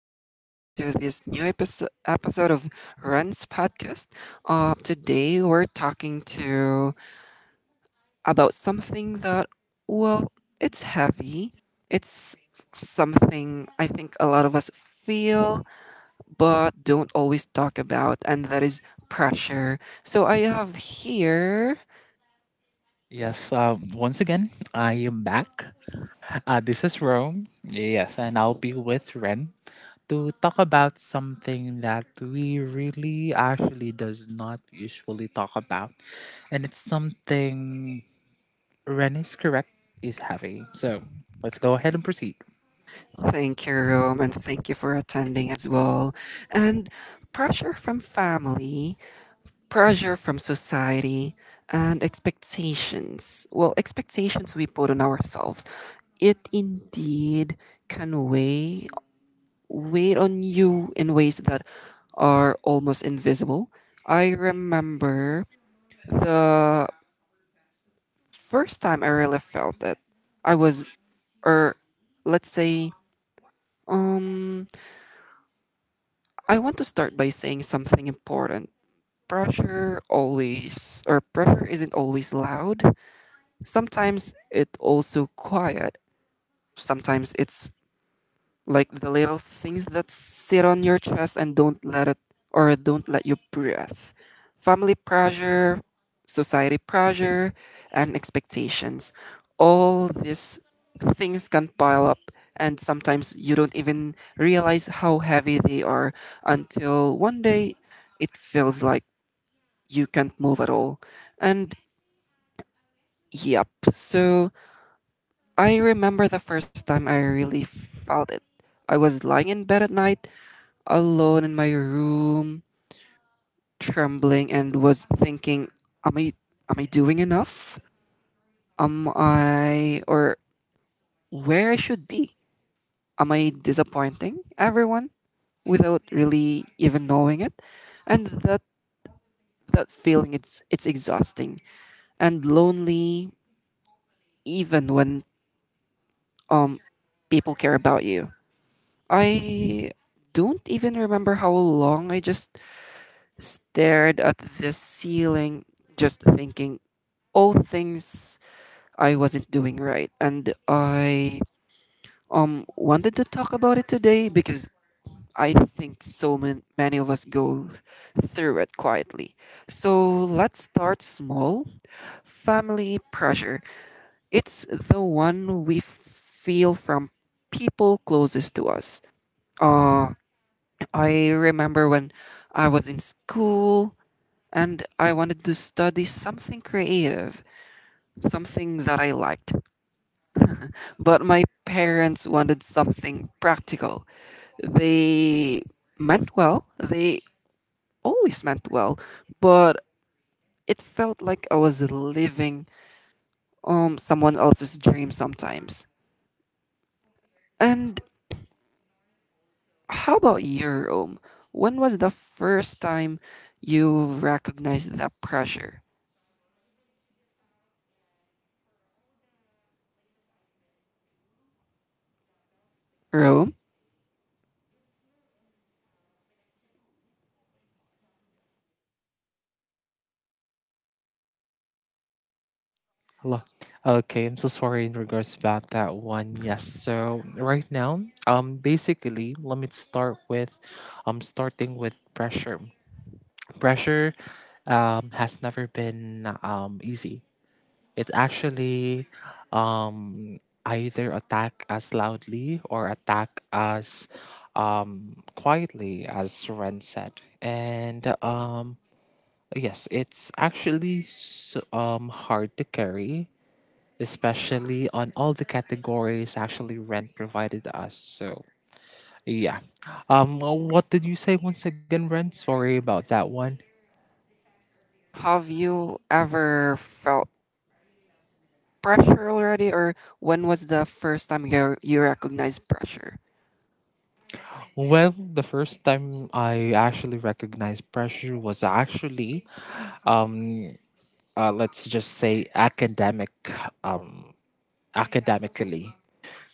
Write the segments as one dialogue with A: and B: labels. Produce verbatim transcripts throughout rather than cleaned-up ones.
A: everyone to this new episode episode of Run's podcast. Uh, today we're talking to about something that well, it's heavy. It's something I think a lot of us feel but don't always talk about, and that is pressure. So I have here.
B: Yes, um, once again, I am back. Uh, this is Rome. Yes, and I'll be with Ren to talk about something that we really actually does not usually talk about. And it's something Ren is correct is heavy. So let's go ahead and proceed.
A: Thank you, Rome, and thank you for attending as well. And pressure from family, pressure from society, and expectations, well, expectations we put on ourselves, it indeed can weigh weigh on you in ways that are almost invisible. I remember the first time I really felt it. I was, or let's say, um I want to start by saying something important. Pressure always or pressure isn't always loud. Sometimes it also quiet. Sometimes it's like the little things that sit on your chest and don't let it or don't let you breathe. Family pressure, society pressure, and expectations. All these things can pile up, and sometimes you don't even realize how heavy they are until one day it feels like you can't move at all. And yep, so I remember the first time I really felt it. I was lying in bed at night, alone in my room, trembling, and was thinking, "Am I, am I doing enough? Am I, or where I should be? Am I disappointing everyone, without really even knowing it?" And that that feeling, it's it's exhausting and lonely, even when um people care about you. I don't even remember how long I just stared at the ceiling, just thinking all things I wasn't doing right. And I um wanted to talk about it today because I think so man- many of us go through it quietly. So let's start small. Family pressure. It's the one we feel from people closest to us. Uh, I remember when I was in school and I wanted to study something creative, something that I liked. But my parents wanted something practical. They meant well, they always meant well, but it felt like I was living um someone else's dream sometimes. And how about your own? When was the first time you recognized that pressure? Rome?
B: Hello. Okay, I'm so sorry in regards about that one. Yes, so right now, um, basically, let me start with, um, starting with pressure. Pressure um, has never been, um, easy. It's actually, um, either attack as loudly or attack as, um, quietly, as Ren said. And um, yes, it's actually s um, hard to carry, especially on all the categories actually Ren provided us. So yeah. Um, what did you say once again, Ren? Sorry about that one.
A: Have you ever felt pressure already, or when was the first time you you recognized pressure?
B: Well, the first time I actually recognized pressure was actually, um, uh, let's just say, academic, um, academically.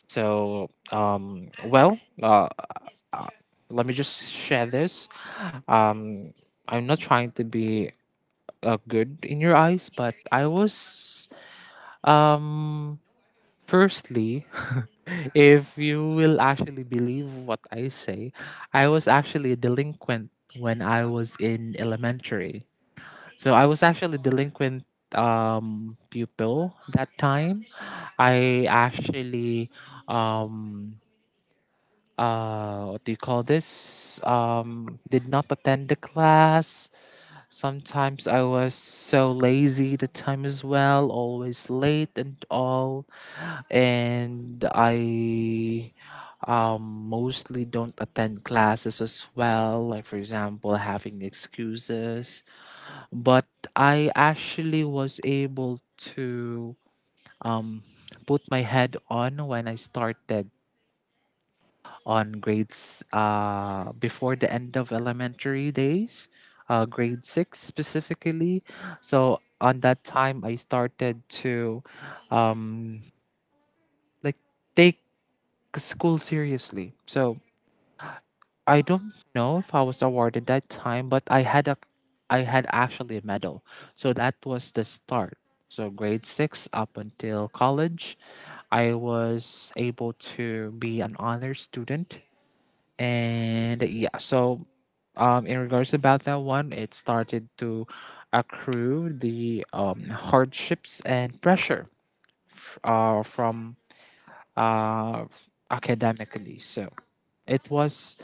B: So, um, well, uh, let me just share this. Um, I'm not trying to be uh, good in your eyes, but I was, um, firstly, if you will actually believe what I say, I was actually a delinquent when I was in elementary. So I was actually delinquent um pupil that time. I actually, um uh what do you call this? Um did not attend the class. Sometimes I was so lazy the time as well, always late and all. And I, um, mostly don't attend classes as well, like, for example, having excuses. But I actually was able to, um, put my head on when I started on grades, uh, before the end of elementary days, uh, grade six specifically. So on that time, I started to, um, like, take school seriously. So I don't know if I was awarded that time, but I had a I had actually a medal. So that was the start. So grade six up until college, I was able to be an honor student. And yeah, so um, in regards about that one, it started to accrue the, um, hardships and pressure f- uh, from, uh, academically. So it was,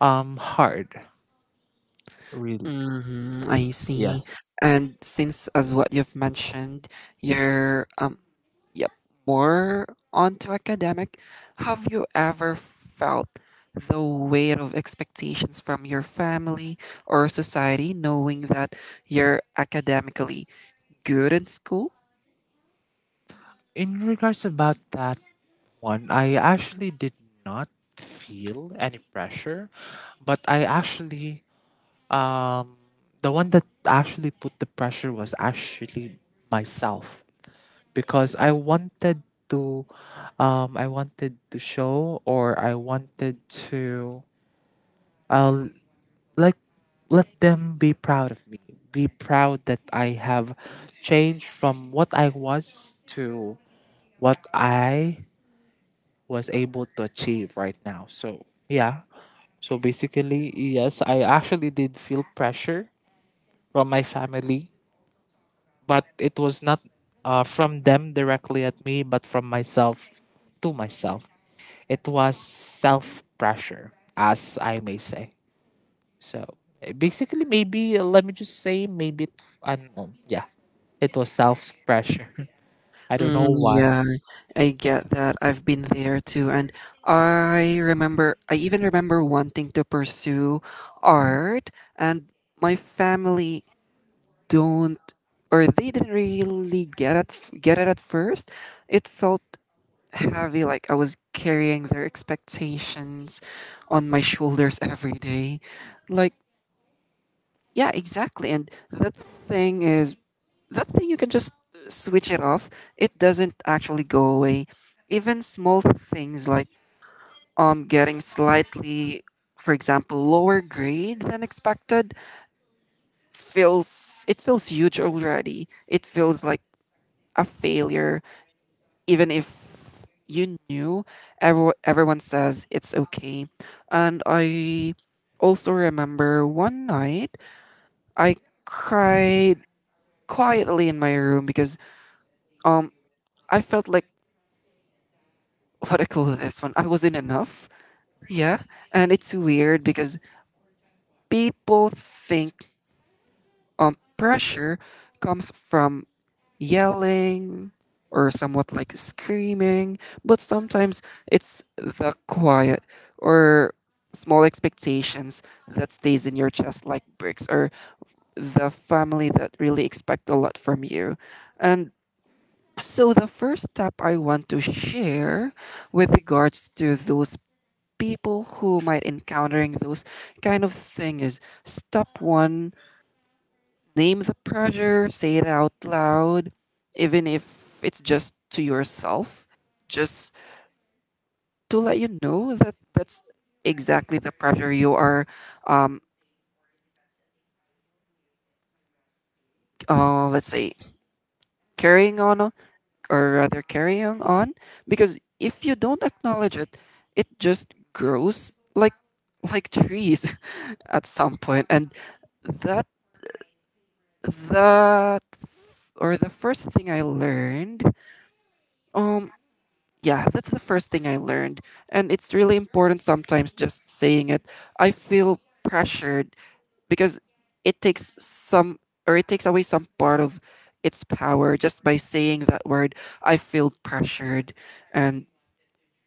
B: um, hard, really.
A: Mm-hmm, I see.
B: Yes.
A: And since, as what you've mentioned, you're um, yep, more onto academic. Have you ever felt the weight of expectations from your family or society, knowing that you're academically good in school?
B: In regards about that one, I actually did not feel any pressure, but I actually, um, the one that actually put the pressure was actually myself, because I wanted to um I wanted to show, or I wanted to, uh, like, let them be proud of me, be proud that I have changed from what I was to what I was able to achieve right now. So yeah, so basically, yes, I actually did feel pressure from my family, but it was not uh, from them directly at me, but from myself to myself. It was self pressure, as I may say. So, eh, basically, maybe, uh, let me just say, maybe it, not know. Yeah, it was self pressure. I don't
A: Mm,
B: know why.
A: yeah, I get that. I've been there too. And I remember, I even remember wanting to pursue art, and my family don't, or they didn't really get it, get it at first. It felt heavy, like I was carrying their expectations on my shoulders every day. Like, yeah, exactly. And that thing is that thing you can just uh, switch it off, it doesn't actually go away. Even small things like um getting slightly, for example, lower grade than expected, feels it feels huge already, it feels like a failure, even if you knew every, everyone says it's okay. And I also remember one night I cried quietly in my room because um I felt like, what I call this one? I wasn't enough. Yeah. And it's weird because people think um pressure comes from yelling or somewhat like screaming, but sometimes it's the quiet or small expectations that stays in your chest like bricks, or the family that really expect a lot from you. And so the first step I want to share with regards to those people who might encountering those kind of thing is step one, name the pressure, say it out loud, even if it's just to yourself, just to let you know that that's exactly the pressure you are um uh, let's say carrying on or rather carrying on, because if you don't acknowledge it, it just grows like like trees at some point. And that That f- or the first thing I learned, um, yeah, that's the first thing I learned, and it's really important sometimes just saying it. I feel pressured because it takes some or it takes away some part of its power just by saying that word. I feel pressured, and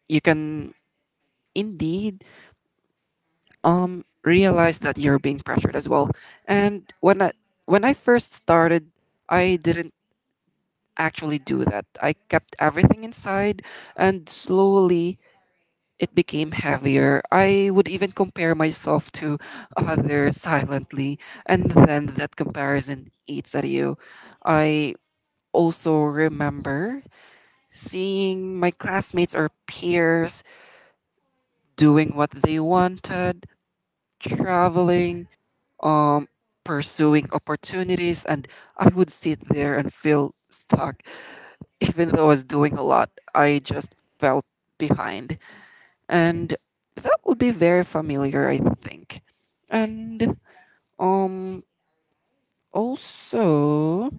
A: you can indeed um realize that you're being pressured as well. And when I when I first started, I didn't actually do that. I kept everything inside, and slowly it became heavier. I would even compare myself to others silently, and then that comparison eats at you. I also remember seeing my classmates or peers doing what they wanted, traveling, um, pursuing opportunities, and I would sit there and feel stuck. Even though I was doing a lot, I just felt behind. And that would be very familiar, I think. And um also,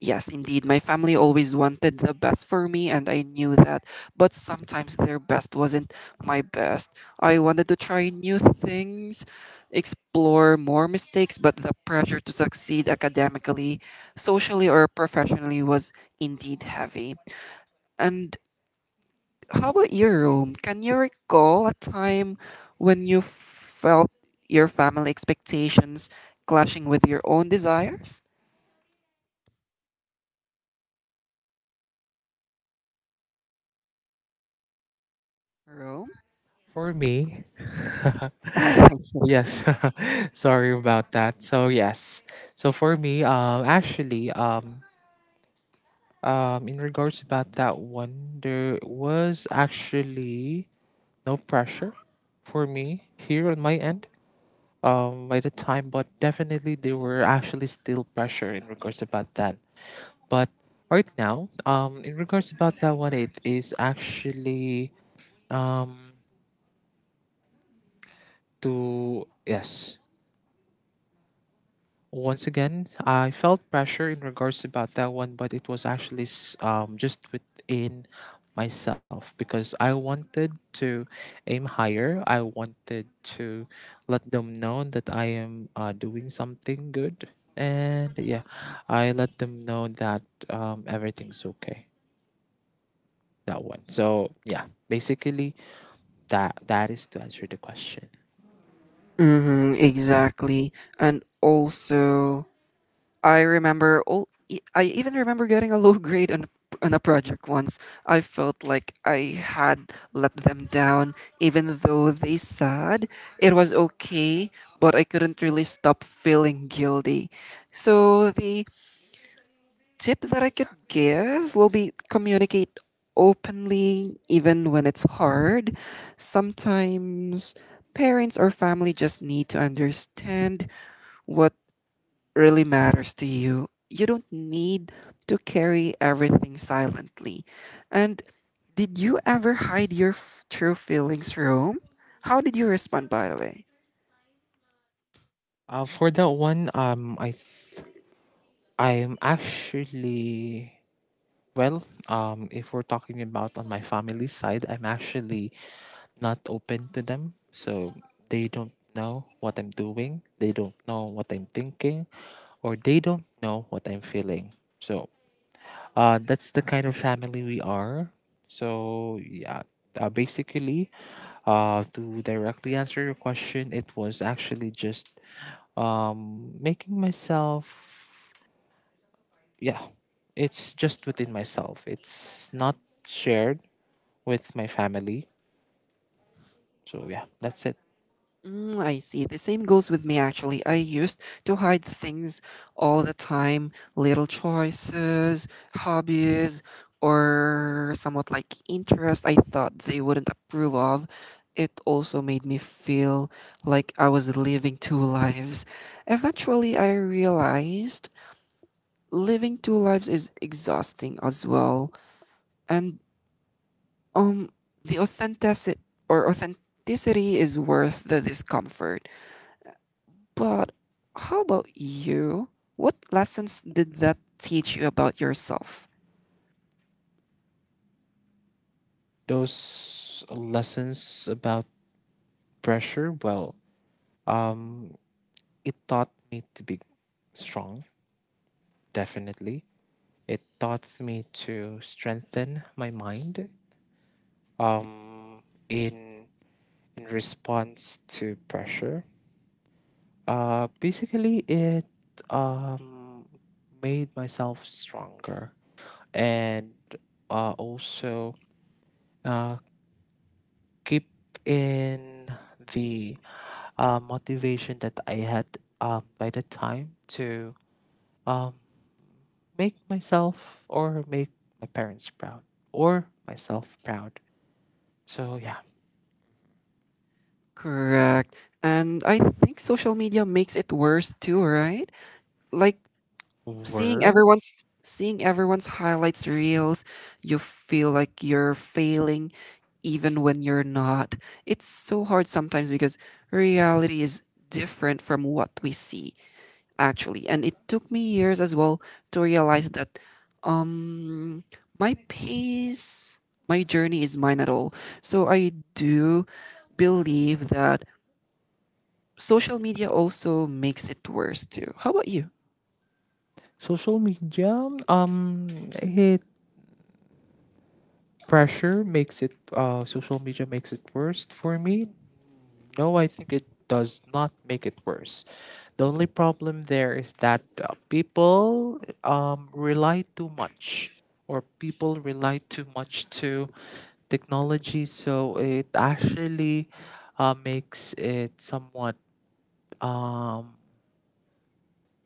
A: yes, indeed, my family always wanted the best for me and I knew that, but sometimes their best wasn't my best. I wanted to try new things, explore more mistakes, but the pressure to succeed academically, socially or professionally was indeed heavy. And how about your room? Can you recall a time when you felt your family expectations clashing with your own desires? Rome?
B: For me,
A: I think so.
B: yes, sorry about that. So yes, so for me, um, actually, um, Um, in regards about that one, there was actually no pressure for me here on my end. Um, by the time, but definitely there were actually still pressure in regards about that. But right now, um, in regards about that one, it is actually, um to, yes, once again, I felt pressure in regards about that one, but it was actually s- um, just within myself because I wanted to aim higher. I wanted to let them know that I am, uh, doing something good, and yeah, I let them know that, um, everything's okay. That one. So yeah, basically that that is to answer the question.
A: Mm-hmm, exactly. And also, I remember, all, e, I even remember getting a low grade on, a- on a project once. I felt like I had let them down, even though they said it was okay, but I couldn't really stop feeling guilty. So the tip that I could give will be, communicate openly even when it's hard. Sometimes parents or family just need to understand what really matters to you. You don't need to carry everything silently. And did you ever hide your f- true feelings, Rome? How did you respond, by the way?
B: Uh, for that one, um, I th- I am actually Well, um, if we're talking about on my family side, I'm actually not open to them. So they don't know what I'm doing, they don't know what I'm thinking, or they don't know what I'm feeling. So uh, that's the kind of family we are. So yeah, uh, basically, uh, to directly answer your question, it was actually just, um, making myself, yeah, it's just within myself. It's not shared with my family. So yeah, that's it.
A: Mm, I see. The same goes with me actually. I used to hide things all the time, little choices, hobbies, or somewhat like interest I thought they wouldn't approve of. It also made me feel like I was living two lives. Eventually, I realized living two lives is exhausting as well. And um the authenticity or authenticity is worth the discomfort. But how about you? What lessons did that teach you about yourself?
B: Those lessons about pressure, well, um, it taught me to be strong, definitely. It taught me to strengthen my mind, um, in in response to pressure. Uh, basically, it, um, made myself stronger, and uh, also, uh, keep in the, uh, motivation that I had, um, by the time, to, um, make myself, or make my parents proud, or myself proud. So yeah,
A: Correct. And I think social media makes it worse too, right? Like seeing
B: work,
A: everyone's seeing everyone's highlights reels, you feel like you're failing even when you're not. It's so hard sometimes because reality is different from what we see. Actually, and it took me years as well to realize that um my pace, my journey is mine at all. So I do believe that social media also makes it worse too. How about you?
B: social media. Um, it Pressure makes it, uh, social media makes it worse for me. No, I think it does not make it worse. The only problem there is that uh, people, um, rely too much, or people rely too much to technology, so it actually, uh, makes it somewhat, um,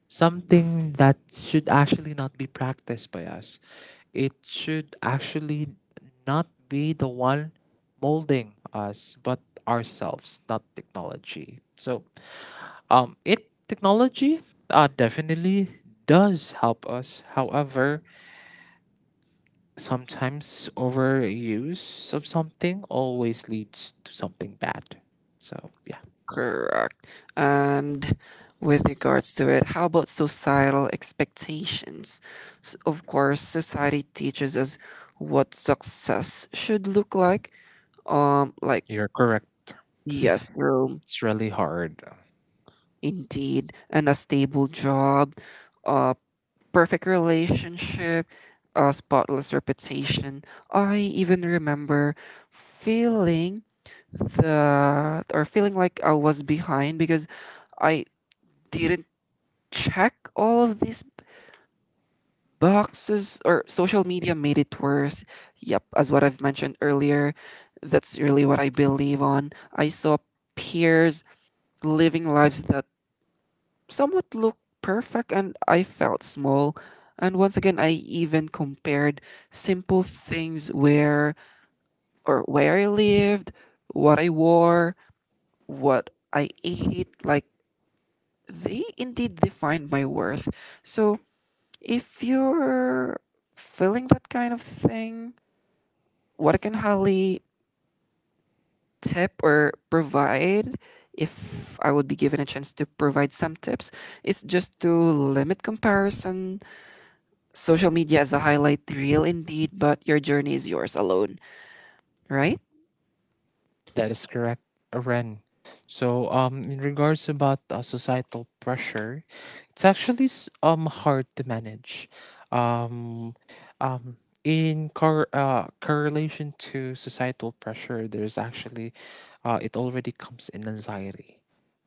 B: something that should actually not be practiced by us. It should actually not be the one molding us, but ourselves, not technology. So, um, it technology, uh, definitely does help us. However, sometimes overuse of something always leads to something bad. So, yeah,
A: Correct. And with regards to it, how about societal expectations? S Of course society teaches us what success should look like, um like,
B: you're correct.
A: yes, through
B: It's really hard.
A: indeed, and a stable job, a perfect relationship, a spotless reputation. I even remember feeling that or feeling like I was behind because I didn't check all of these boxes, or social media made it worse. Yep, as what I've mentioned earlier, that's really what I believe on. I saw peers living lives that someone looked perfect, and I felt small. And once again, I even compared simple things, where or where I lived, what I wore, what I ate. Like, they indeed defined my worth. So if you're feeling that kind of thing, what I can highly tip or provide if I would be given a chance to provide some tips is just to limit comparison. Social media is a highlight reel indeed, but your journey is yours alone, right?
B: That is correct, Ren. So, um, in regards about, uh, societal pressure, it's actually s- um hard to manage. Um, um, in cor- uh, correlation to societal pressure, there's actually, uh, it already comes in anxiety,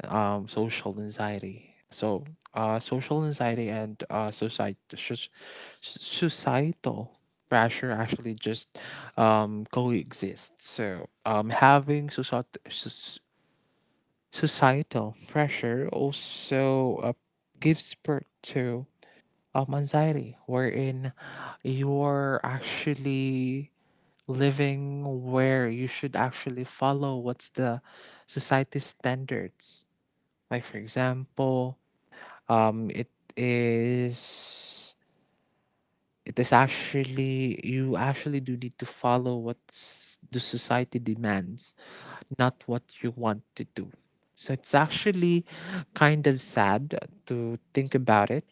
B: um, social anxiety. So, uh, social anxiety and, uh, society, societal pressure actually just, um, coexist. So, um, having societ- soc- societal pressure also, uh, gives birth to, um, anxiety, wherein you're actually living where you should actually follow what's the society standards. Like, for example, um, it is it is actually you actually do need to follow what s- the society demands, not what you want to do. So it's actually kind of sad to think about it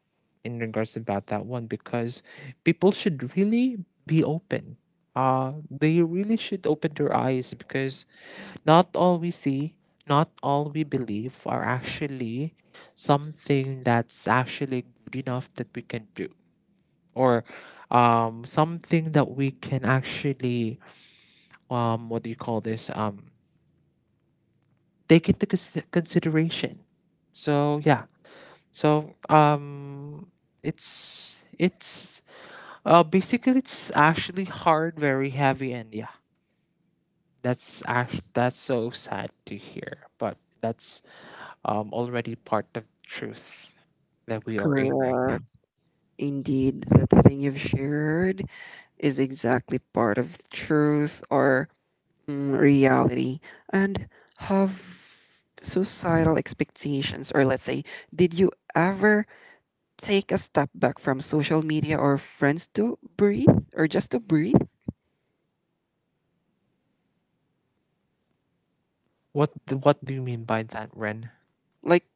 B: in regards about that one, because people should really be open. Uh, they really should open their eyes because not all we see, not all we believe are actually something that's actually good enough that we can do, or, um, something that we can actually, um, what do you call this um, take into cons- consideration. So yeah. So um it's it's uh basically it's actually hard, very heavy, and yeah. That's act that's so sad to hear, but that's, um already part of truth that we are in right now.
A: Correct. Indeed, that the thing you've shared is exactly part of truth, or mm, reality. And have societal expectations, or let's say, did you ever take a step back from social media or friends to breathe, or just to breathe?
B: What d- what do you mean by that, Ren?
A: Like,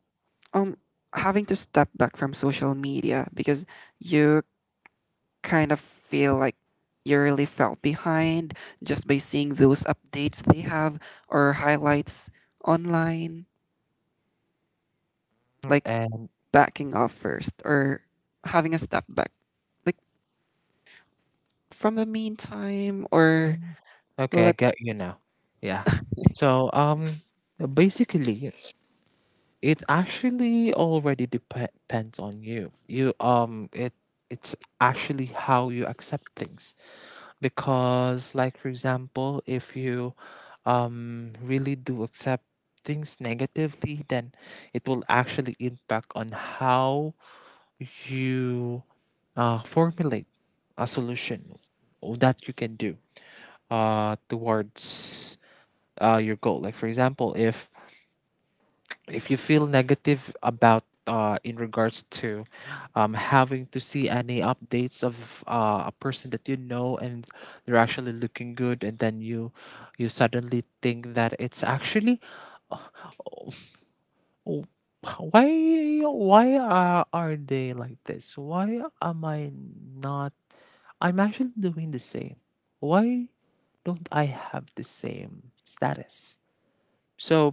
A: um, having to step back from social media because you kind of feel like you really felt behind just by seeing those updates they have or highlights online? Like,
B: And
A: backing off first or having a step back? Like from the meantime, or
B: mm, okay, I
A: let's
B: get you now. Yeah. So um basically it actually already depe- depends on you. You, um it it's actually how you accept things, because, like, for example, if you, um really do accept things negatively, then it will actually impact on how you, uh, formulate a solution that you can do uh towards uh your goal. Like, for example, if if you feel negative about, uh, in regards to, um, having to see any updates of, uh, a person that you know and they're actually looking good, and then you you suddenly think that it's actually, "Oh, why why are, are they like this? Why am I not? I'm actually doing the same. Why don't I have the same status?" So,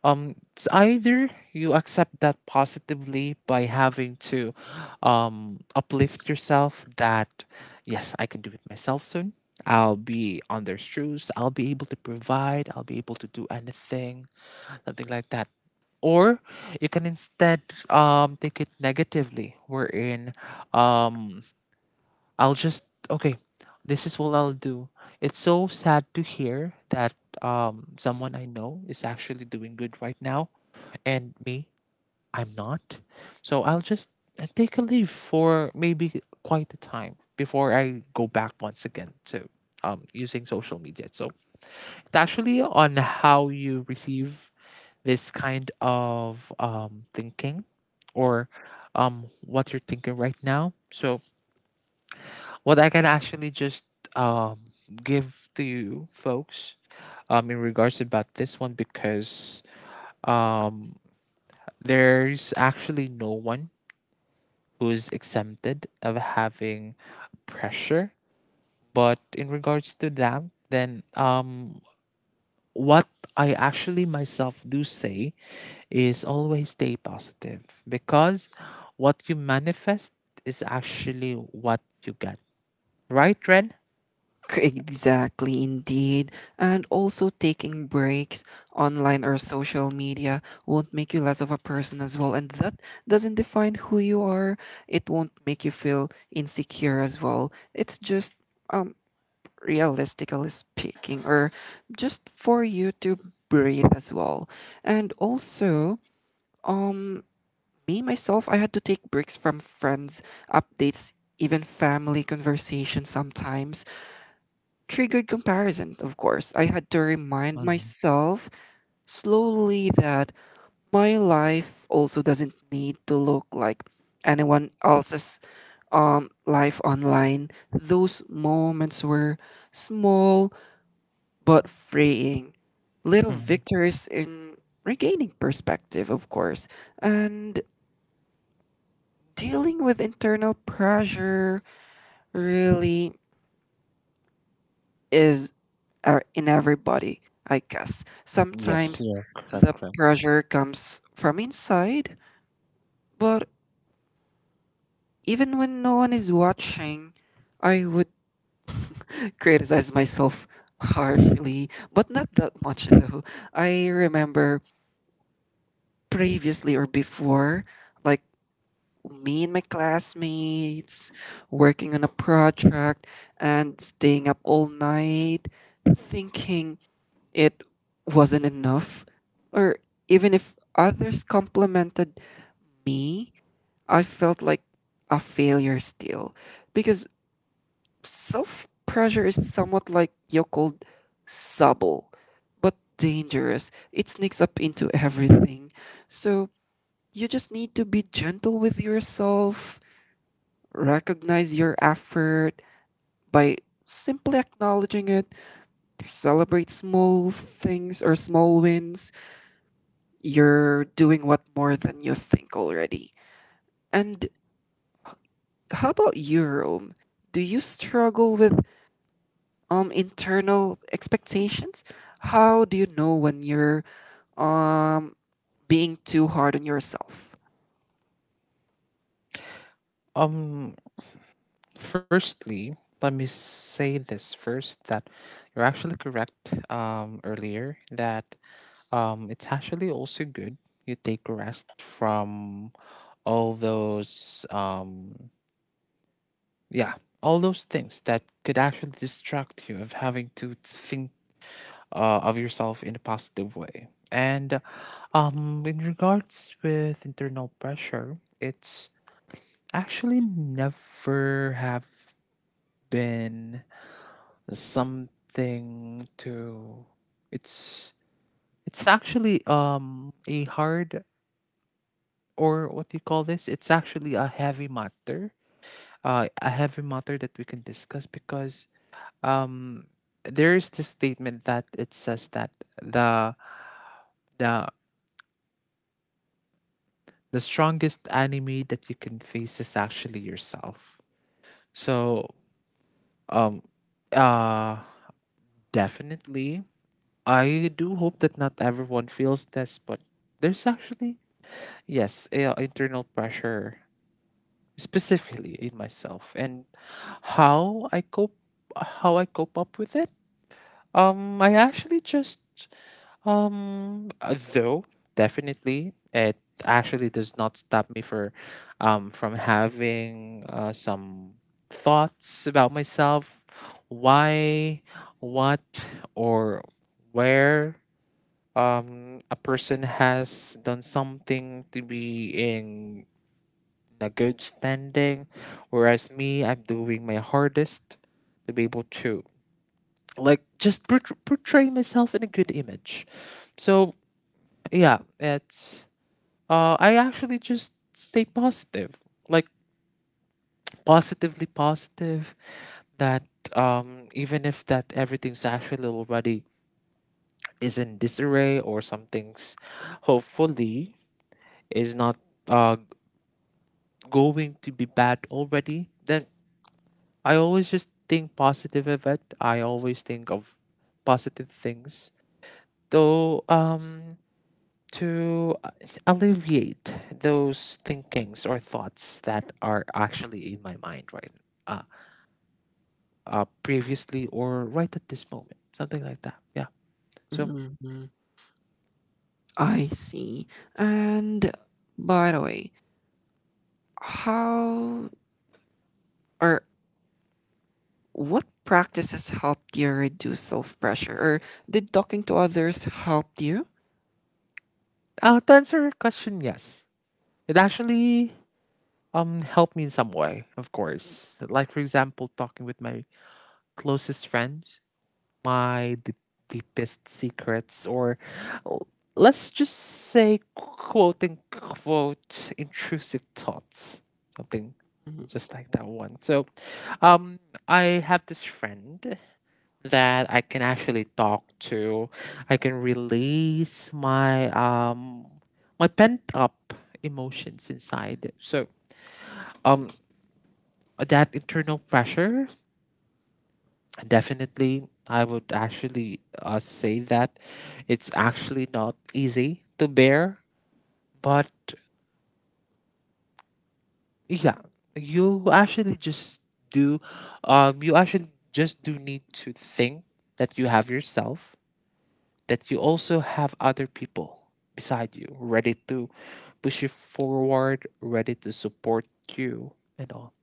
B: um, it's either you accept that positively by having to, um, uplift yourself that, yes, I can do it myself soon. I'll be on their shoes. I'll be able to provide. I'll be able to do anything, something like that. Or you can instead, um, take it negatively, wherein, um, I'll just, okay, this is what I'll do. It's so sad to hear that, um someone I know is actually doing good right now, and me, I'm not. So I'll just, uh, take a leave for maybe quite a time before I go back once again to, um using social media. So it's actually on how you receive this kind of, um thinking, or, um what you're thinking right now. So what I can actually just, um give to you folks, um in regards about this one, because, um there's actually no one who's exempted of having pressure, but in regards to that, then, um what I actually myself do say is, always stay positive, because what you manifest is actually what you get. Right, Ren?
A: exactly indeed, and also taking breaks online or social media won't make you less of a person as well, and that doesn't define who you are. It won't make you feel insecure as well. It's just um realistically speaking, or just for you to breathe as well. And also, um, me myself, I had to take breaks from friends, updates, even family conversations sometimes. Triggered comparison, of course. I had to remind
B: Mhm.
A: myself slowly that my life also doesn't need to look like anyone else's um life online. Those moments were small but freeing. Little victories in regaining perspective, of course. And dealing with internal pressure really is, uh, in everybody, I guess.
B: Yes,
A: Sometimes
B: yeah, correct,
A: the
B: correct.
A: pressure comes from inside, but even when no one is watching, I would criticize myself harshly, but not that much though. I remember previously or before, like me and my classmates working on a project and staying up all night thinking it wasn't enough, or even if others complimented me, I felt like a failure still. Because self pressure is somewhat like you called, but dangerous. It sneaks up into everything. So you just need to be gentle with yourself. Recognize your effort by simply acknowledging it. Celebrate small things or small wins. You're doing what more than you think already. And how about you, Rome? Do you struggle with um internal expectations? How do you know when you're um being too hard on yourself?
B: Um, Firstly, let me say this first, that you're actually correct, um earlier, that, um it's actually also good you take rest from all those, um yeah, all those things that could actually distract you of having to think, uh, of yourself in a positive way. And um in regards with internal pressure, it's actually never have been something to it's it's actually um a hard or what do you call this, it's actually a heavy matter, uh, a heavy matter that we can discuss because um there is this statement that it says that the the the strongest enemy that you can face is actually yourself. So um uh definitely I do hope that not everyone feels this, but there's actually, yes, uh, internal pressure specifically in myself and how I cope how I cope up with it. Um I actually just um uh, though definitely it actually does not stop me for um from having uh, some thoughts about myself, why, what, or where um a person has done something to be in a good standing, whereas me, I'm doing my hardest to be able to like just portr- portray myself in a good image. So yeah, it's uh I actually just stay positive, like positively positive, that um even if that everything's actually already is in disarray or something's hopefully is not uh going to be bad already, then I always just think positive of it. I always think of positive things. Though um to uh, alleviate those thinkings or thoughts that are actually in my mind right uh, uh previously or right at this moment. Something like that. Yeah. So
A: Hmm. I see. And by the way, how or what practices helped you reduce self pressure, or did talking to others help you?
B: uh, to answer your question, yes. It actually um helped me in some way, of course. Like for example, talking with my closest friends, my d- deepest secrets, or l- let's just say, quote unquote, intrusive thoughts, something just like that one. So, um, I have this friend that I can actually talk to. I can release my um my pent up emotions inside. So, um, that internal pressure, definitely I would actually uh, say that it's actually not easy to bear, but yeah, you actually just do, um, you actually just do need to think that you have yourself, that you also have other people beside you, ready to push you forward, ready to support you, and all.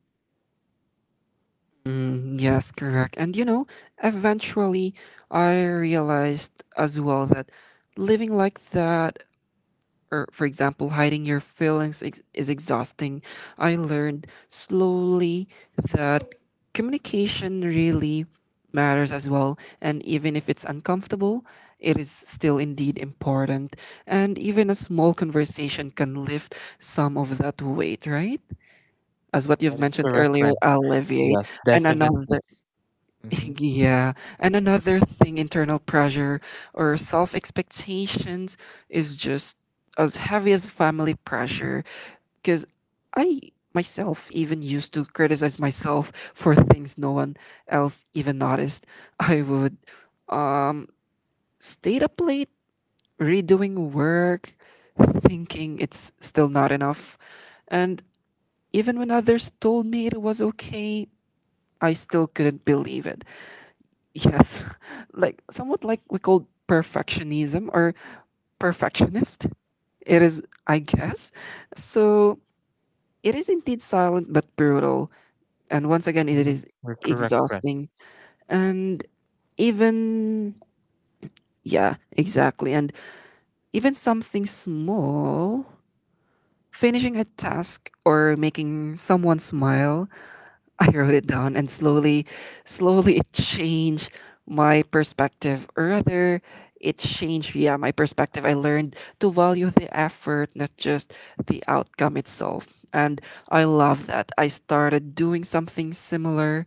A: Mm, yes, correct. And you know, eventually I realized as well that living like that, or for example, hiding your feelings ex- is exhausting. I learned slowly that communication really matters as well. And even if it's uncomfortable, it is still indeed important. And even a small conversation can lift some of that weight, right? As what you've
B: That is
A: mentioned
B: correct,
A: earlier,
B: friend.
A: alleviate.
B: Yes,
A: And another
B: definitely. Mm-hmm.
A: yeah, and another thing, internal pressure or self expectations is just as heavy as family pressure. Because I myself even used to criticize myself for things no one else even noticed. I would um, stay up late redoing work, thinking it's still not enough. And even when others told me it was okay, I still couldn't believe it. Yes, like somewhat like we call perfectionism or perfectionist. It is, I guess. So it is indeed silent but brutal. And once again, it is
B: We're correct, friend.
A: exhausting. And even, yeah, exactly. And even something small, finishing a task or making someone smile, I wrote it down, and slowly, slowly it changed my perspective. Or rather, it changed, yeah, my perspective. I learned to value the effort, not just the outcome itself. And I love that. I started doing something similar,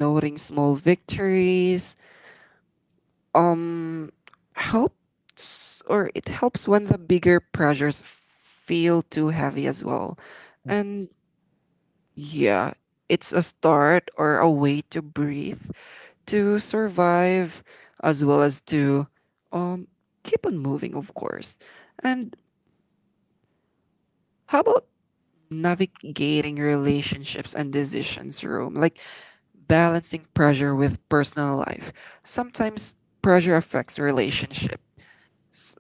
A: noting small victories. Um, Helps or it helps when the bigger pressures feel too heavy as well. And yeah, it's a start or a way to breathe, to survive, as well as to um keep on moving, of course. And how about navigating relationships and decisions room, like balancing pressure with personal life. Sometimes pressure affects relationships,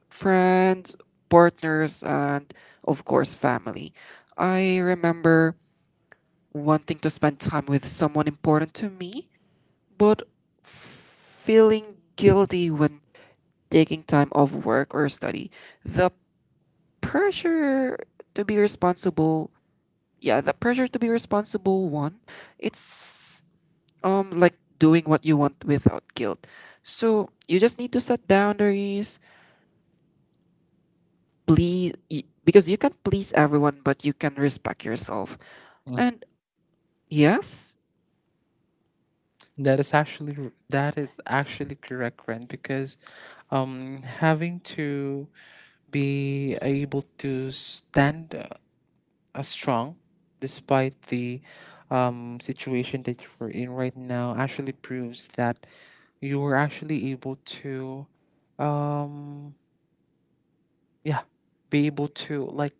A: friends, partners, and of course family. I remember wanting to spend time with someone important to me, but feeling guilty when taking time off work or study. The pressure to be responsible, yeah, the pressure to be responsible one, it's um like doing what you want without guilt. So you just need to set boundaries, please y- because you can't please everyone, but you can respect yourself. And yes,
B: That is actually r- that is actually correct, Ren, because um, having to be able to stand uh, uh, strong despite the, um, situation that you are in right now actually proves that you were actually able to, um, yeah, be able to like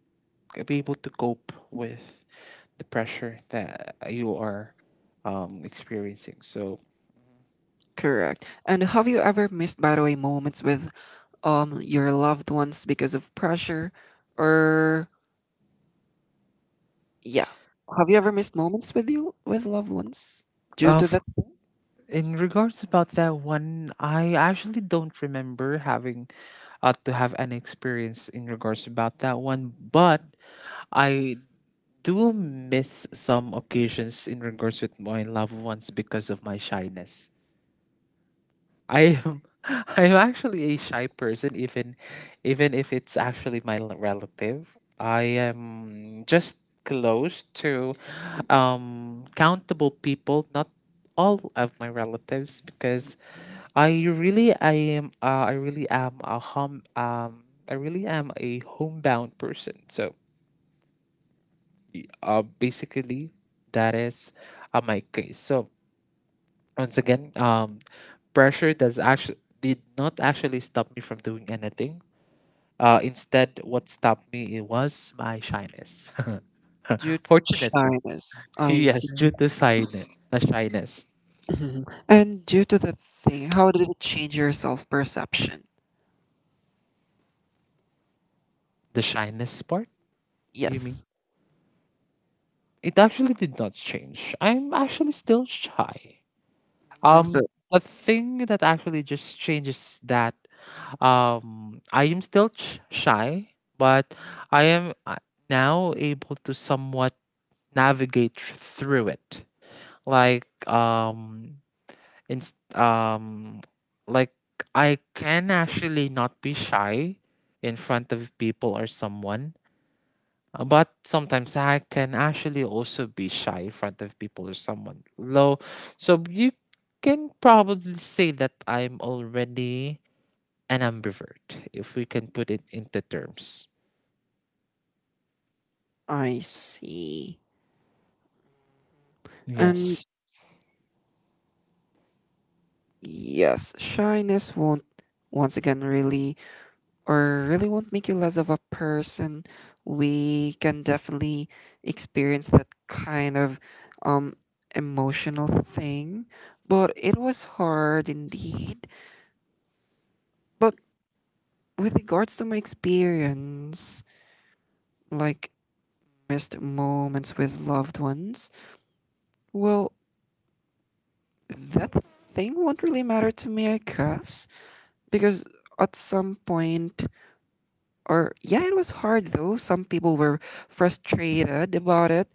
B: be able to cope with the pressure that you are, um, experiencing. So
A: correct. And have you ever missed, by the way, moments with um your loved ones because of pressure, or yeah, have you ever missed moments with you with loved ones due
B: uh,
A: to that thing?
B: in regards about that one, I actually don't remember having uh, to have an experience in regards about that one, but I do miss some occasions in regards with my loved ones because of my shyness. I am I'm actually a shy person, even even if it's actually my l- relative. I am just close to um countable people, not all of my relatives because I really I am uh, I really am a home um I really am a homebound person. So uh basically that is, uh, my case. So once again, um, pressure does actually did not actually stop me from doing anything. Uh, instead, what stopped me, it was my shyness.
A: Due to
B: Fortunately,
A: shyness, I
B: yes,
A: see.
B: due to shyness, the shyness,
A: Mhm. And due to that thing, how did it change your self-perception?
B: the shyness part. You mean
A: Yes.
B: it actually did not change. I'm actually still shy.
A: Mm, so
B: Um, the thing that actually just changes, that um, I am still ch- shy, but I am uh, now able to somewhat navigate thr- through it. Like, um, inst- um, like I can actually not be shy in front of people or someone, uh, but sometimes I can actually also be shy in front of people or someone low. So you can probably say that I'm already an ambivert, if we can put it into terms.
A: I see. And
B: Yes.
A: yes, shyness won't once again really, or really won't make you less of a person. We can definitely experience that kind of um emotional thing. But it was hard indeed. But with regards to my experience, like missed moments with loved ones, well, that thing won't really matter to me, I guess, because at some point, or yeah, it was hard though. Some people were frustrated about it,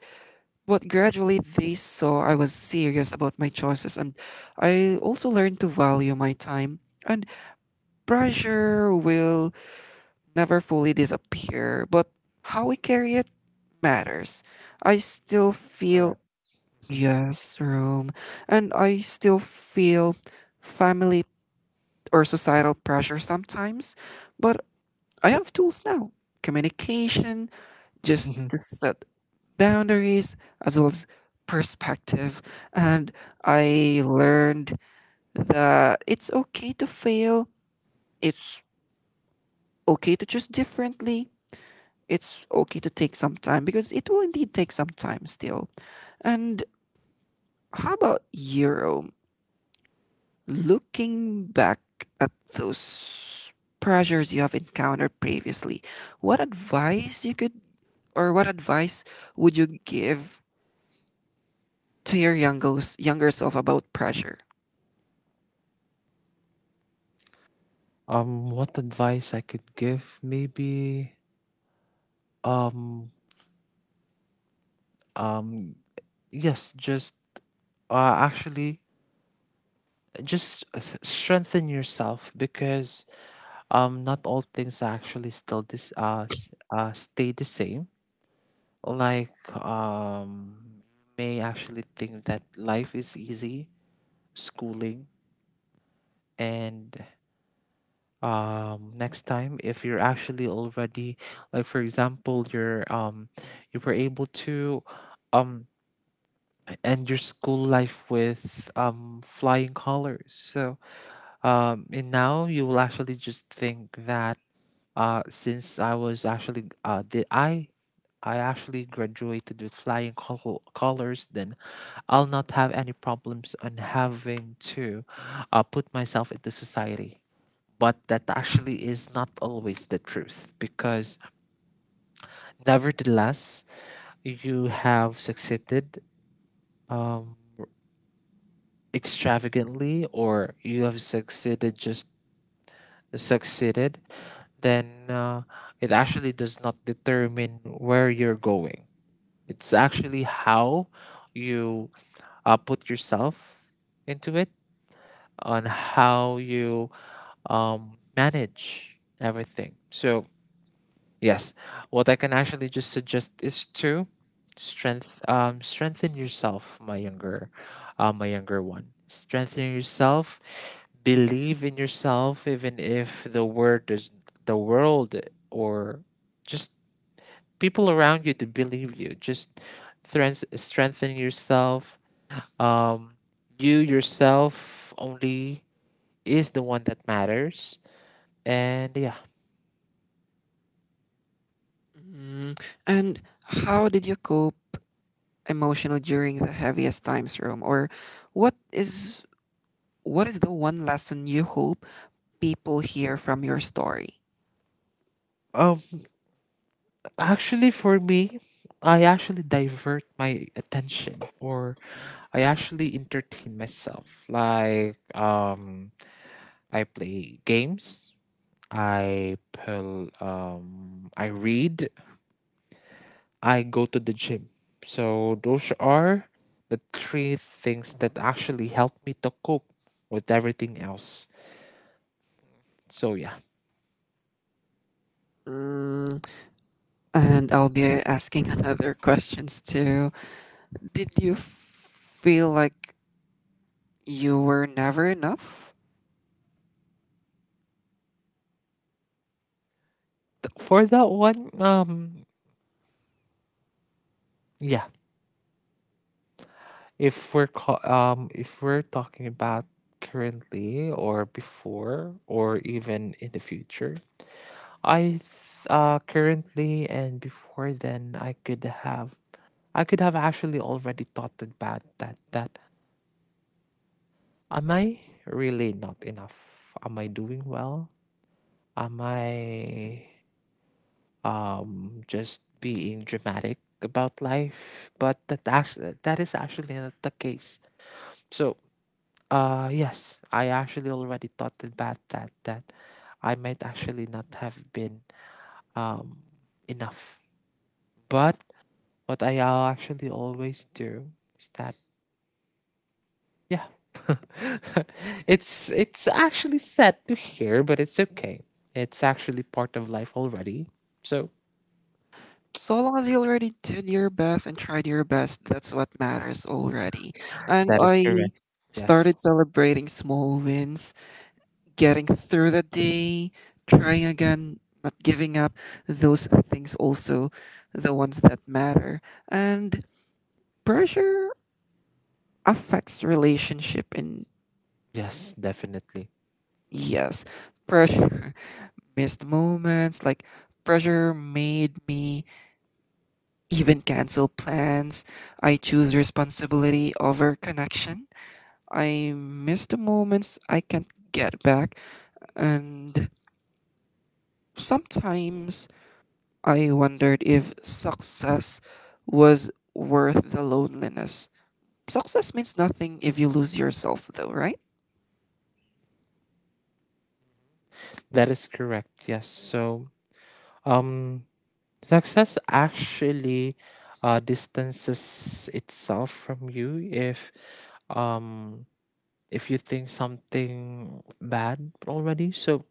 A: but gradually, they saw I was serious about my choices, and I also learned to value my time. And pressure will never fully disappear, but how we carry it matters. I still feel,
B: Correct. Mhm.
A: yes, room, and I still feel family or societal pressure sometimes, but I have tools now, communication, just to set boundaries as well as perspective. And I learned that it's okay to fail, it's okay to choose differently, it's okay to take some time because it will indeed take some time still. And how about you, Euro? Looking back at those pressures you have encountered previously, what advice you could, or what advice would you give to your younger younger self about pressure?
B: Um, what advice I could give? Maybe um um yes, just uh actually just th- strengthen yourself because um not all things actually still this uh, s- uh stay the same. Like um may actually think that life is easy, schooling, and um next time, if you're actually already, like for example, you're, um you were able to um end your school life with um flying colors. So Um, and now you will actually just think that, uh, since I was actually, uh, did I I actually graduated with flying col- colors, then I'll not have any problems on having to, uh, put myself into society. But that actually is not always the truth because, nevertheless, you have succeeded, um, extravagantly, or you have succeeded just succeeded, then uh, it actually does not determine where you're going. It's actually how you, uh, put yourself into it, on how you, um, manage everything. So. Yes. What I can actually just suggest is to strength um strengthen yourself, my younger, uh, my younger one. Strengthen yourself, believe in yourself even if the word does the world or just people around you to believe you. Just threns- strengthen yourself. Um you yourself only is the one that matters. And yeah.
A: Mm. And how did you cope emotional during the heaviest times, Rome? Or what is what is the one lesson you hope people hear from your story?
B: Um Actually, for me, I actually divert my attention, or I actually entertain myself. Like, um, I play games, I pull, um, I read, I go to the gym. So, those are the three things that actually help me to cope with everything else. So, yeah.
A: Mm. And I'll be asking another questions too. Did you feel like you were never enough?
B: Th- For that one, um, yeah. If we're ca- um if we're talking about currently or before or even in the future, I th- uh currently and before, then I could have I could have actually already thought about that, that, am I really not enough? Am I doing well? Am I um just being dramatic about life? But that actually, that is actually not the case. So Uh, yes, I actually already thought about that, that I might actually not have been um enough. But what I, uh, actually always do is that, yeah, it's it's actually sad to hear, but it's okay. It's actually part of life already. So
A: So long as you already did your best and tried your best, that's what matters already. And
B: that is
A: I
B: correct.
A: started
B: Yes,
A: celebrating small wins, getting through the day, trying again, not giving up, those things also the ones that matter. And pressure affects relationship and
B: yes, definitely.
A: yes, pressure missed moments, like pressure made me even cancel plans. I choose responsibility over connection. I miss the moments I can't get back, and sometimes I wondered if success was worth the loneliness. Success means nothing if you lose yourself, though, right?
B: That is correct. Yes. So um. Success actually, uh, distances itself from you if, um if you think something bad already. So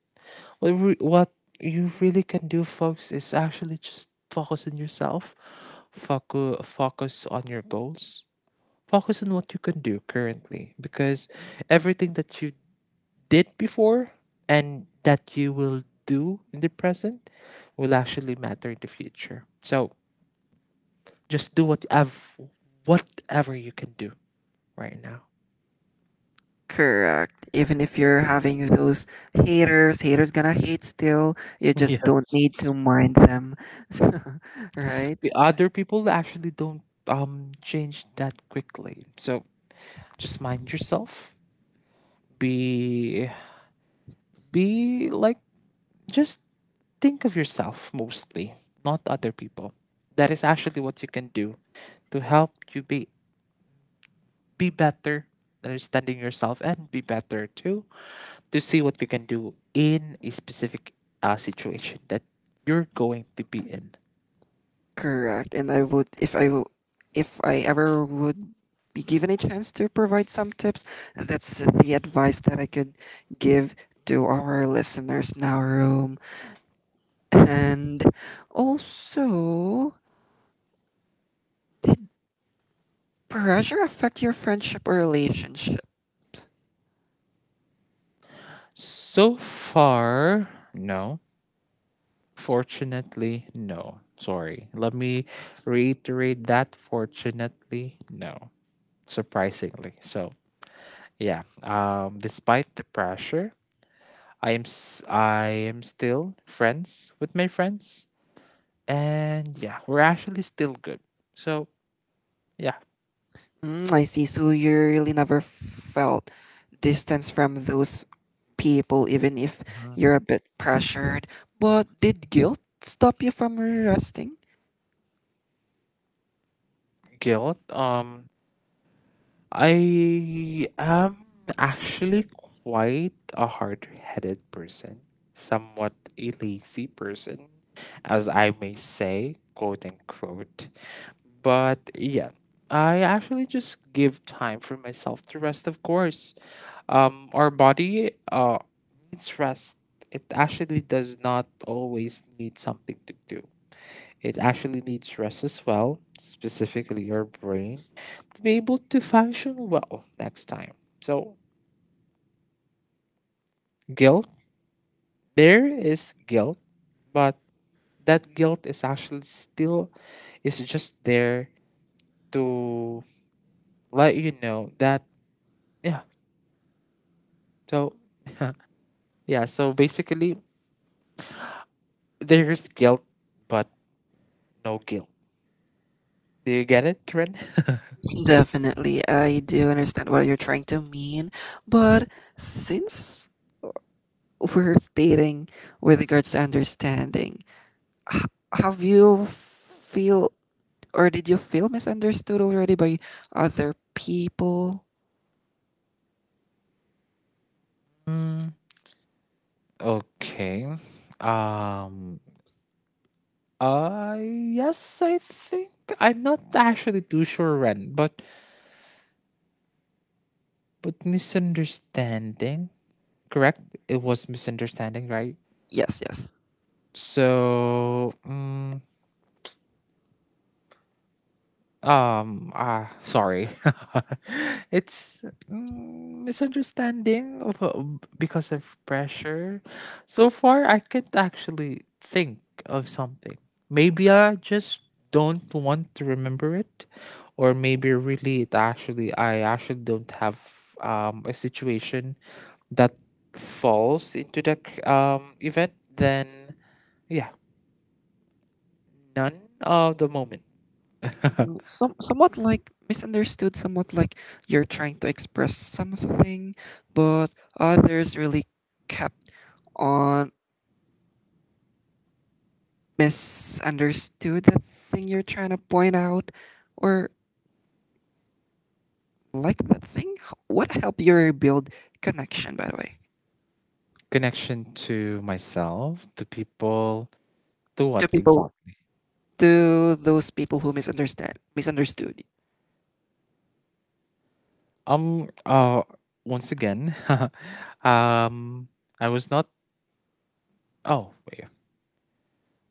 B: what re- what you really can do, folks, is actually just focus on yourself, focus focus on your goals, focus on what you can do currently, because everything that you did before and that you will do in the present will actually matter in the future. So just do whatever whatever you can do right now.
A: Correct. Even if you're having those haters, haters gonna hate still. You just don't
B: Yes.
A: need to mind them, right?
B: The other people actually don't um change that quickly. So just mind yourself. Be be like just think of yourself mostly, not other people. That is actually what you can do to help you be be better, understanding yourself and be better too, to see what you can do in a specific, uh, situation that you're going to be in.
A: Correct. And I would, if I, w- if I ever would be given a chance to provide some tips, that's the advice that I could give to our listeners now, Room. And also, did pressure affect your friendship or relationship?
B: So far, no. Fortunately, no. Sorry. Let me reiterate that. Fortunately, no. Surprisingly. So, yeah. Um, despite the pressure, I am s- I am still friends with my friends, and yeah, we're actually still good. So. Yeah,
A: Mm, I see. So you really never felt distance from those people, even if you're a bit pressured. But did guilt stop you from resting?
B: guilt. Um, I am actually quite a hard-headed person, somewhat a lazy person, as I may say, quote unquote. But yeah, I actually just give time for myself to rest, of course. Um, our body uh needs rest. It actually does not always need something to do. It actually needs rest as well, specifically your brain, to be able to function well next time. So, guilt, there is guilt, but that guilt is actually still, is just there to let you know that, yeah. So, yeah, so basically there's guilt but no guilt. Do you get it, Trin?
A: Definitely, I do understand what you're trying to mean. But since we're stating with regards to understanding, h- have you feel, or did you feel misunderstood already by other people?
B: Mm, okay. Um Uh yes, I think I'm not actually too sure when, but but misunderstanding, correct? It was misunderstanding, right?
A: Yes, yes.
B: So, mm Um, ah, sorry. It's, mm, misunderstanding of, uh, because of pressure. So far, I can't actually think of something. Maybe I just don't want to remember it, or maybe really it actually I actually don't have um a situation that falls into the c- um event. Then yeah, none of the moment.
A: Mm, some, somewhat like misunderstood, somewhat like you're trying to express something, but others really kept on misunderstood the thing you're trying to point out, or like that thing. H- What helped you rebuild connection, by the way,
B: Connection to myself, to people, to
A: to
B: what
A: people,
B: exactly?
A: to those people who misunderstand, misunderstood?
B: Um, uh, Once again, um, I was not. Oh, wait. Uh,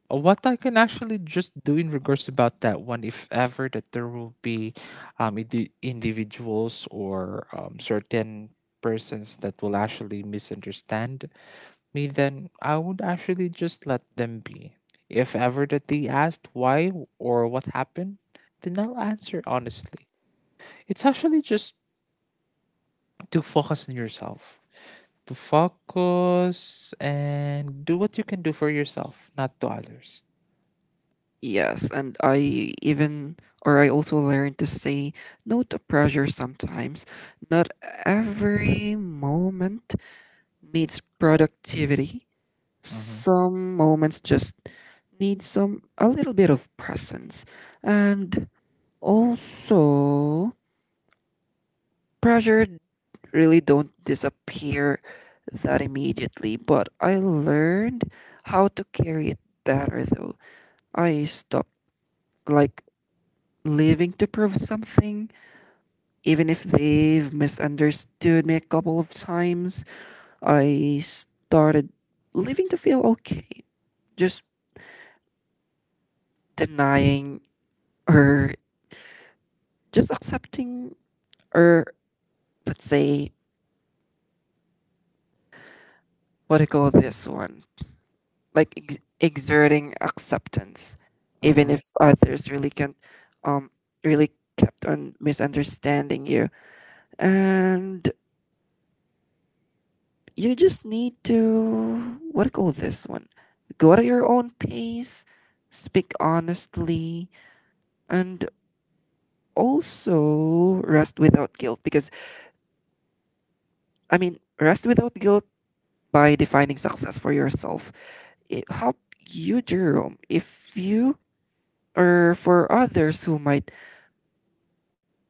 B: What I can actually just do in regards about that one, if ever that there will be, um, indi- individuals or, um, certain persons that will actually misunderstand me, then I would actually just let them be. If ever that they asked why or what happened, then I'll answer honestly. It's actually just to focus on yourself, to focus and do what you can do for yourself, not to others.
A: Yes, and I even or I also learned to say no to pressure sometimes. Not every moment needs productivity.
B: Hmm.
A: Some moments just need some a little bit of presence. And also pressure really don't disappear that immediately, but I learned how to carry it better though. I stopped like living to prove something. Even if they've misunderstood me a couple of times, I started living to feel okay. Just denying or just accepting or let's say what do you call this one? Like ex- exerting acceptance, even
B: Hmm.
A: if others really can't, um, really kept on misunderstanding you. And you just need to what do you call this one? Go at your own pace, speak honestly, and also rest without guilt. Because I mean, rest without guilt by defining success for yourself. It help you, Jerome, if you or for others who might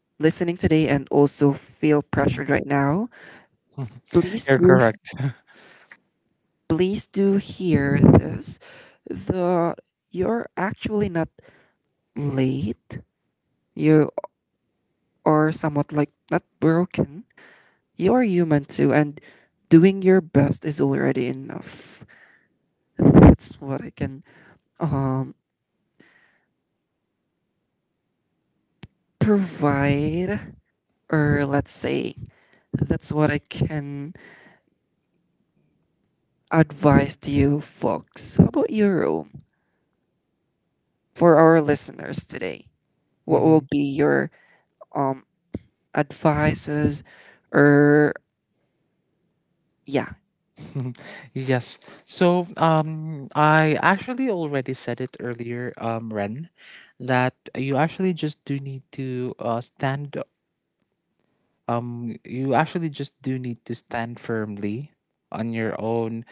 A: listening today and also feel
B: Hmm.
A: pressured right now, please
B: You're
A: do,
B: correct.
A: please do hear this. The you're actually not late. You are somewhat like not broken. You are human too, and doing your best is already enough. That's what I can um provide, or let's say that's what I can advise to you folks. How about you, Rome, for our listeners today? What
B: Hmm.
A: will be your um advices, or yeah,
B: Yes. So, um, I actually already said it earlier, um, Ren, that you actually just do need to uh, stand um you actually just do need to stand firmly on your own,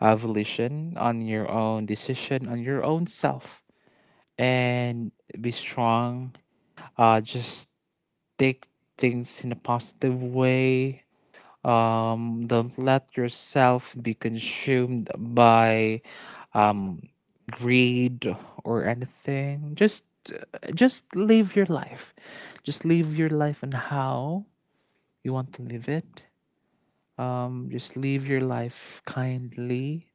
B: uh, volition, on your own decision, on your own self, and be strong. Uh just take things in a positive way. Um don't let yourself be consumed by um greed or anything. Just just live your life, just live your life and how you want to live it. Um, just live your life kindly.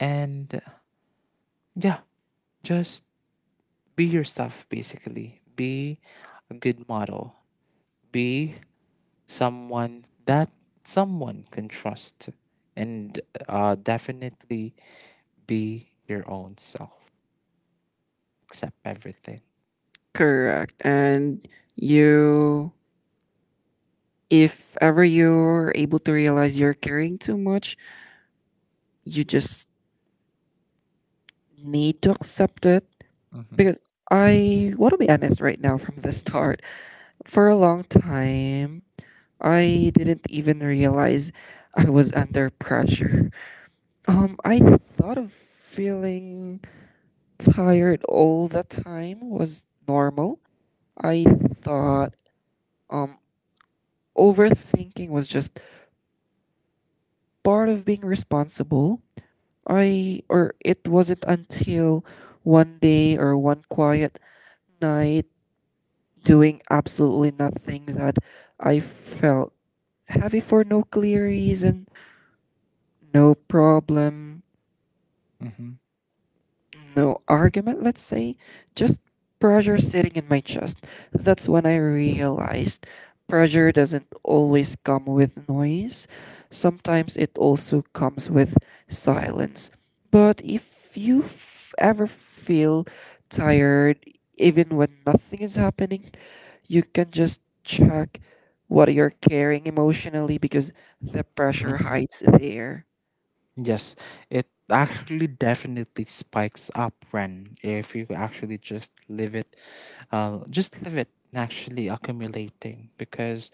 B: And yeah, just be yourself, basically. Be a good model. Be someone that someone can trust, and uh, definitely be your own self. Accept everything.
A: correct, and you if ever you're able to realize you're caring too much, you just need to accept it.
B: Mm-hmm.
A: Because I want to be honest right now from the start. For a long time, I didn't even realize I was under pressure. Um, I thought of feeling tired all the time was normal. I thought um overthinking was just part of being responsible. I or it wasn't until one day or one quiet night doing absolutely nothing that I felt heavy for no clear reason, no problem,
B: Mm-hmm.
A: no argument, let's say, just pressure sitting in my chest. That's when I realized pressure doesn't always come with noise, sometimes it also comes with silence. But if you f- ever feel tired, even when nothing is happening, you can just check what you're carrying emotionally because the pressure
B: Mm-hmm.
A: hides there.
B: Yes, it actually definitely spikes up when if you actually just leave it, uh, just leave it actually accumulating because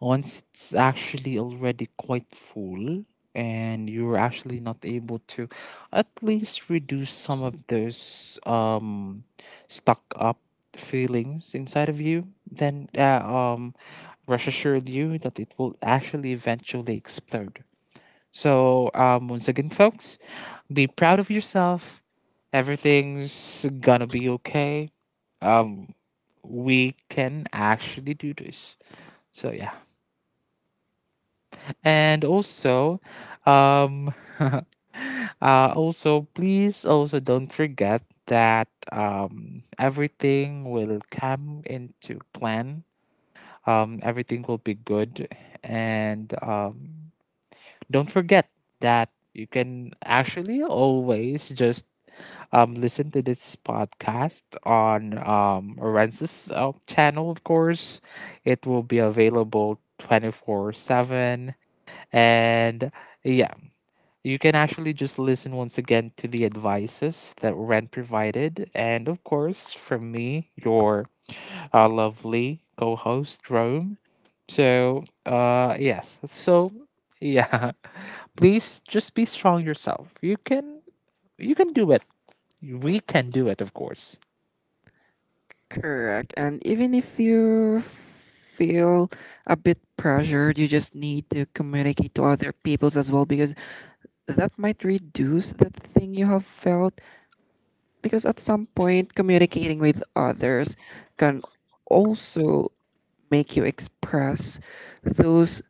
B: once it's actually already quite full and you're actually not able to at least reduce some of those um stuck up feelings inside of you then uh, um rest assured you that it will actually eventually explode. So, um, once again, folks, be proud of yourself. Everything's gonna be okay. Um, we can actually do this. So yeah, and also, um, uh, also please also don't forget that um everything will come into plan. Um, everything will be good, and um don't forget that you can actually always just um, listen to this podcast on um, Ren's uh, channel, of course. It will be available twenty-four seven. And yeah, you can actually just listen once again to the advices that Ren provided. And of course, from me, your uh, lovely co host, Rome. So, uh, yes. So, yeah. Please just be strong yourself. You can you can do it. We can do it, of course.
A: Correct. And even if you feel a bit pressured, you just need to communicate to other peoples as well, because that might reduce that thing you have felt. Because at some point, communicating with others can also make you express those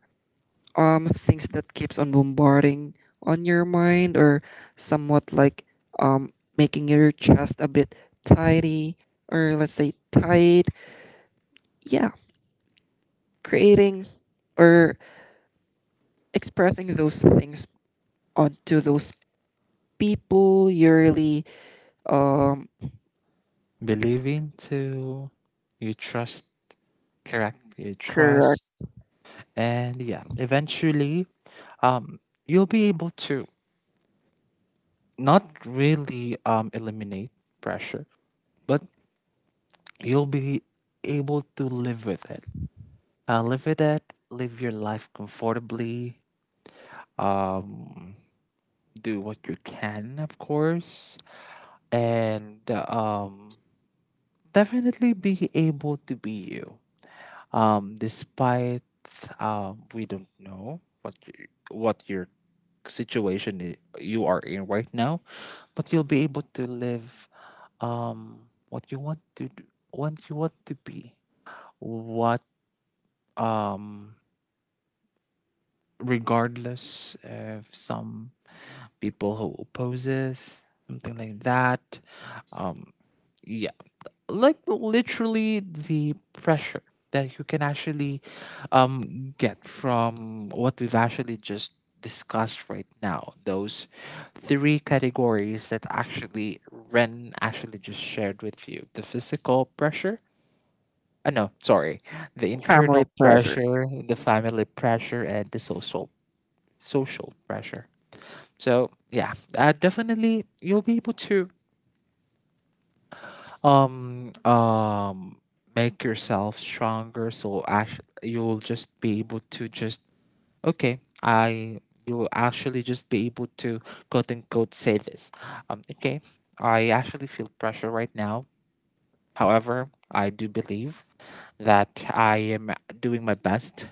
A: um things that keeps on bombarding on your mind, or somewhat like um making your chest a bit tidy, or let's say tight, yeah, creating or expressing those things onto those people you're really um
B: Believing to you trust, correct, you
A: correct
B: trust. And yeah, eventually, um you'll be able to not really um eliminate pressure, but you'll be able to live with it, uh, live with it, live your life comfortably, um do what you can, of course, and um, definitely be able to be you. Um, despite um, we don't know what you, what your situation i- you are in right now, but you'll be able to live um, what you want to do, what you want to be, what um, regardless of some people who opposes something like that. Um, yeah, like literally the pressure that you can actually um, get from what we've actually just discussed right now, those three categories that actually Ren actually just shared with you: the physical pressure, uh, no, sorry, the
A: family
B: internal
A: pressure.
B: pressure, the family pressure, and the social social pressure. So yeah, uh, definitely you'll be able to um um make yourself stronger, so actually you'll just be able to just, okay, I you'll actually just be able to quote unquote say this, um okay, I actually feel pressure right now, however I do believe that I am doing my best,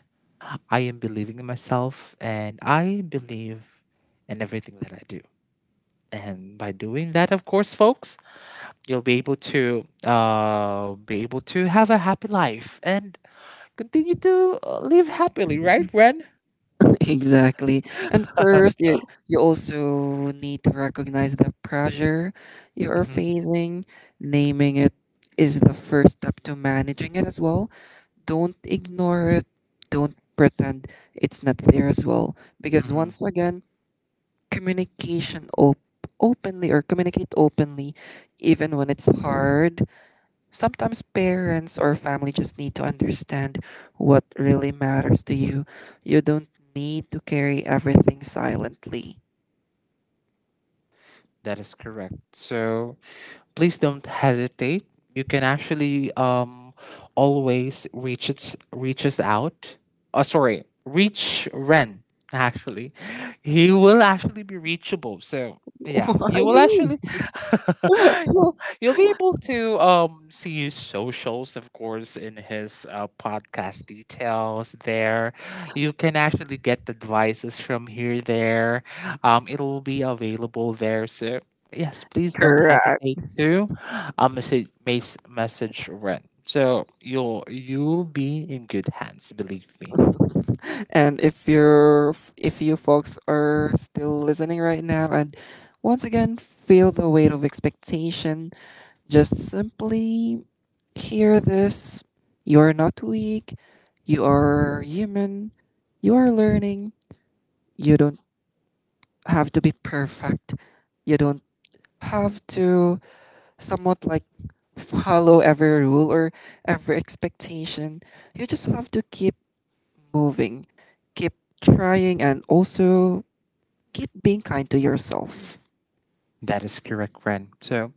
B: I am believing in myself, and I believe in everything that I do. And by doing that, of course, folks, you'll be able to uh be able to have a happy life and continue to uh, live happily, right, Ren?
A: Exactly. And first you, you also need to recognize the pressure you are
B: hmm
A: facing. Naming it is the first step to managing it as well. Don't ignore it, don't pretend it's not there as well, because
B: hmm
A: once again, communication op- openly or communicate openly even when it's hard. Sometimes parents or family just need to understand what really matters to you. You don't need to carry everything silently.
B: That is correct. So please don't hesitate. You can actually um, always reach it, reach us out. Uh, sorry, reach Ren. Actually, he will actually be reachable. So yeah, you
A: Why
B: will
A: me?
B: actually you'll you'll be able to um see his socials, of course, in his uh, podcast details. There, you can actually get the devices from here. There, um, it will be available there. So yes, please don't
A: Correct.
B: hesitate to uh, message mes- message Ren. So you'll you'll be in good hands, believe me.
A: And if you're if you folks are still listening right now and once again feel the weight of expectation, just simply hear this. You are not weak. You are human. You are learning. You don't have to be perfect. You don't have to somewhat like follow every rule or every expectation. You just have to keep moving, keep trying, and also keep being kind to yourself.
B: That is correct, Ren. So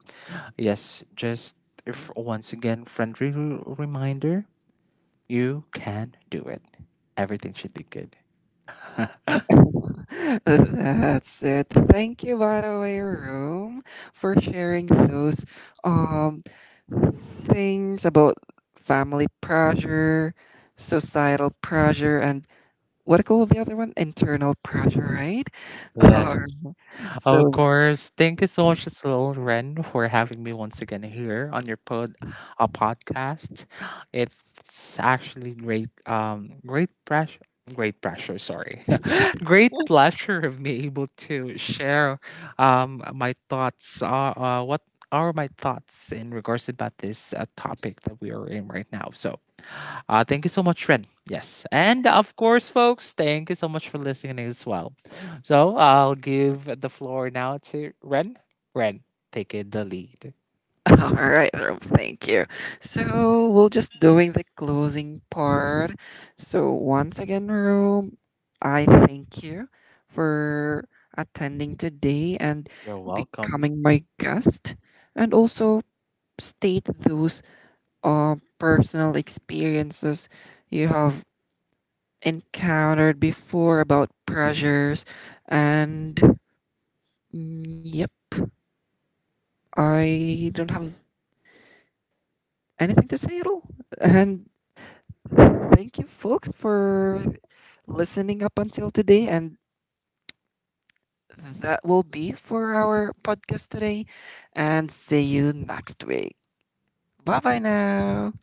B: yes, just if, once again, friendly r- reminder: you can do it. Everything should be good.
A: That's it. Thank you, by the way, Room, for sharing those um things about family pressure, societal pressure, and what do you call the other one? Internal pressure, right? Or,
B: Yes. Of
A: so
B: course. Thank you so much as well, Ren, for having me once again here on your pod uh, podcast. It's actually great um great pressure great pressure, sorry. great pleasure of me able to share um my thoughts uh, uh what are my thoughts in regards about this uh, topic that we are in right now. So uh, thank you so much, Ren. Yes. And of course, folks, thank you so much for listening as well. So I'll give the floor now to Ren. Ren, take it the lead.
A: all right, Rome, thank you. So we're just doing the closing part. So once again, Rome, I thank you for attending today and
B: You're welcome.
A: becoming my guest, and also state those uh, personal experiences you have encountered before about pressures, and mm, yep, I don't have anything to say at all. And thank you, folks, for listening up until today. And that will be for our podcast today. And see you next week. Bye bye now.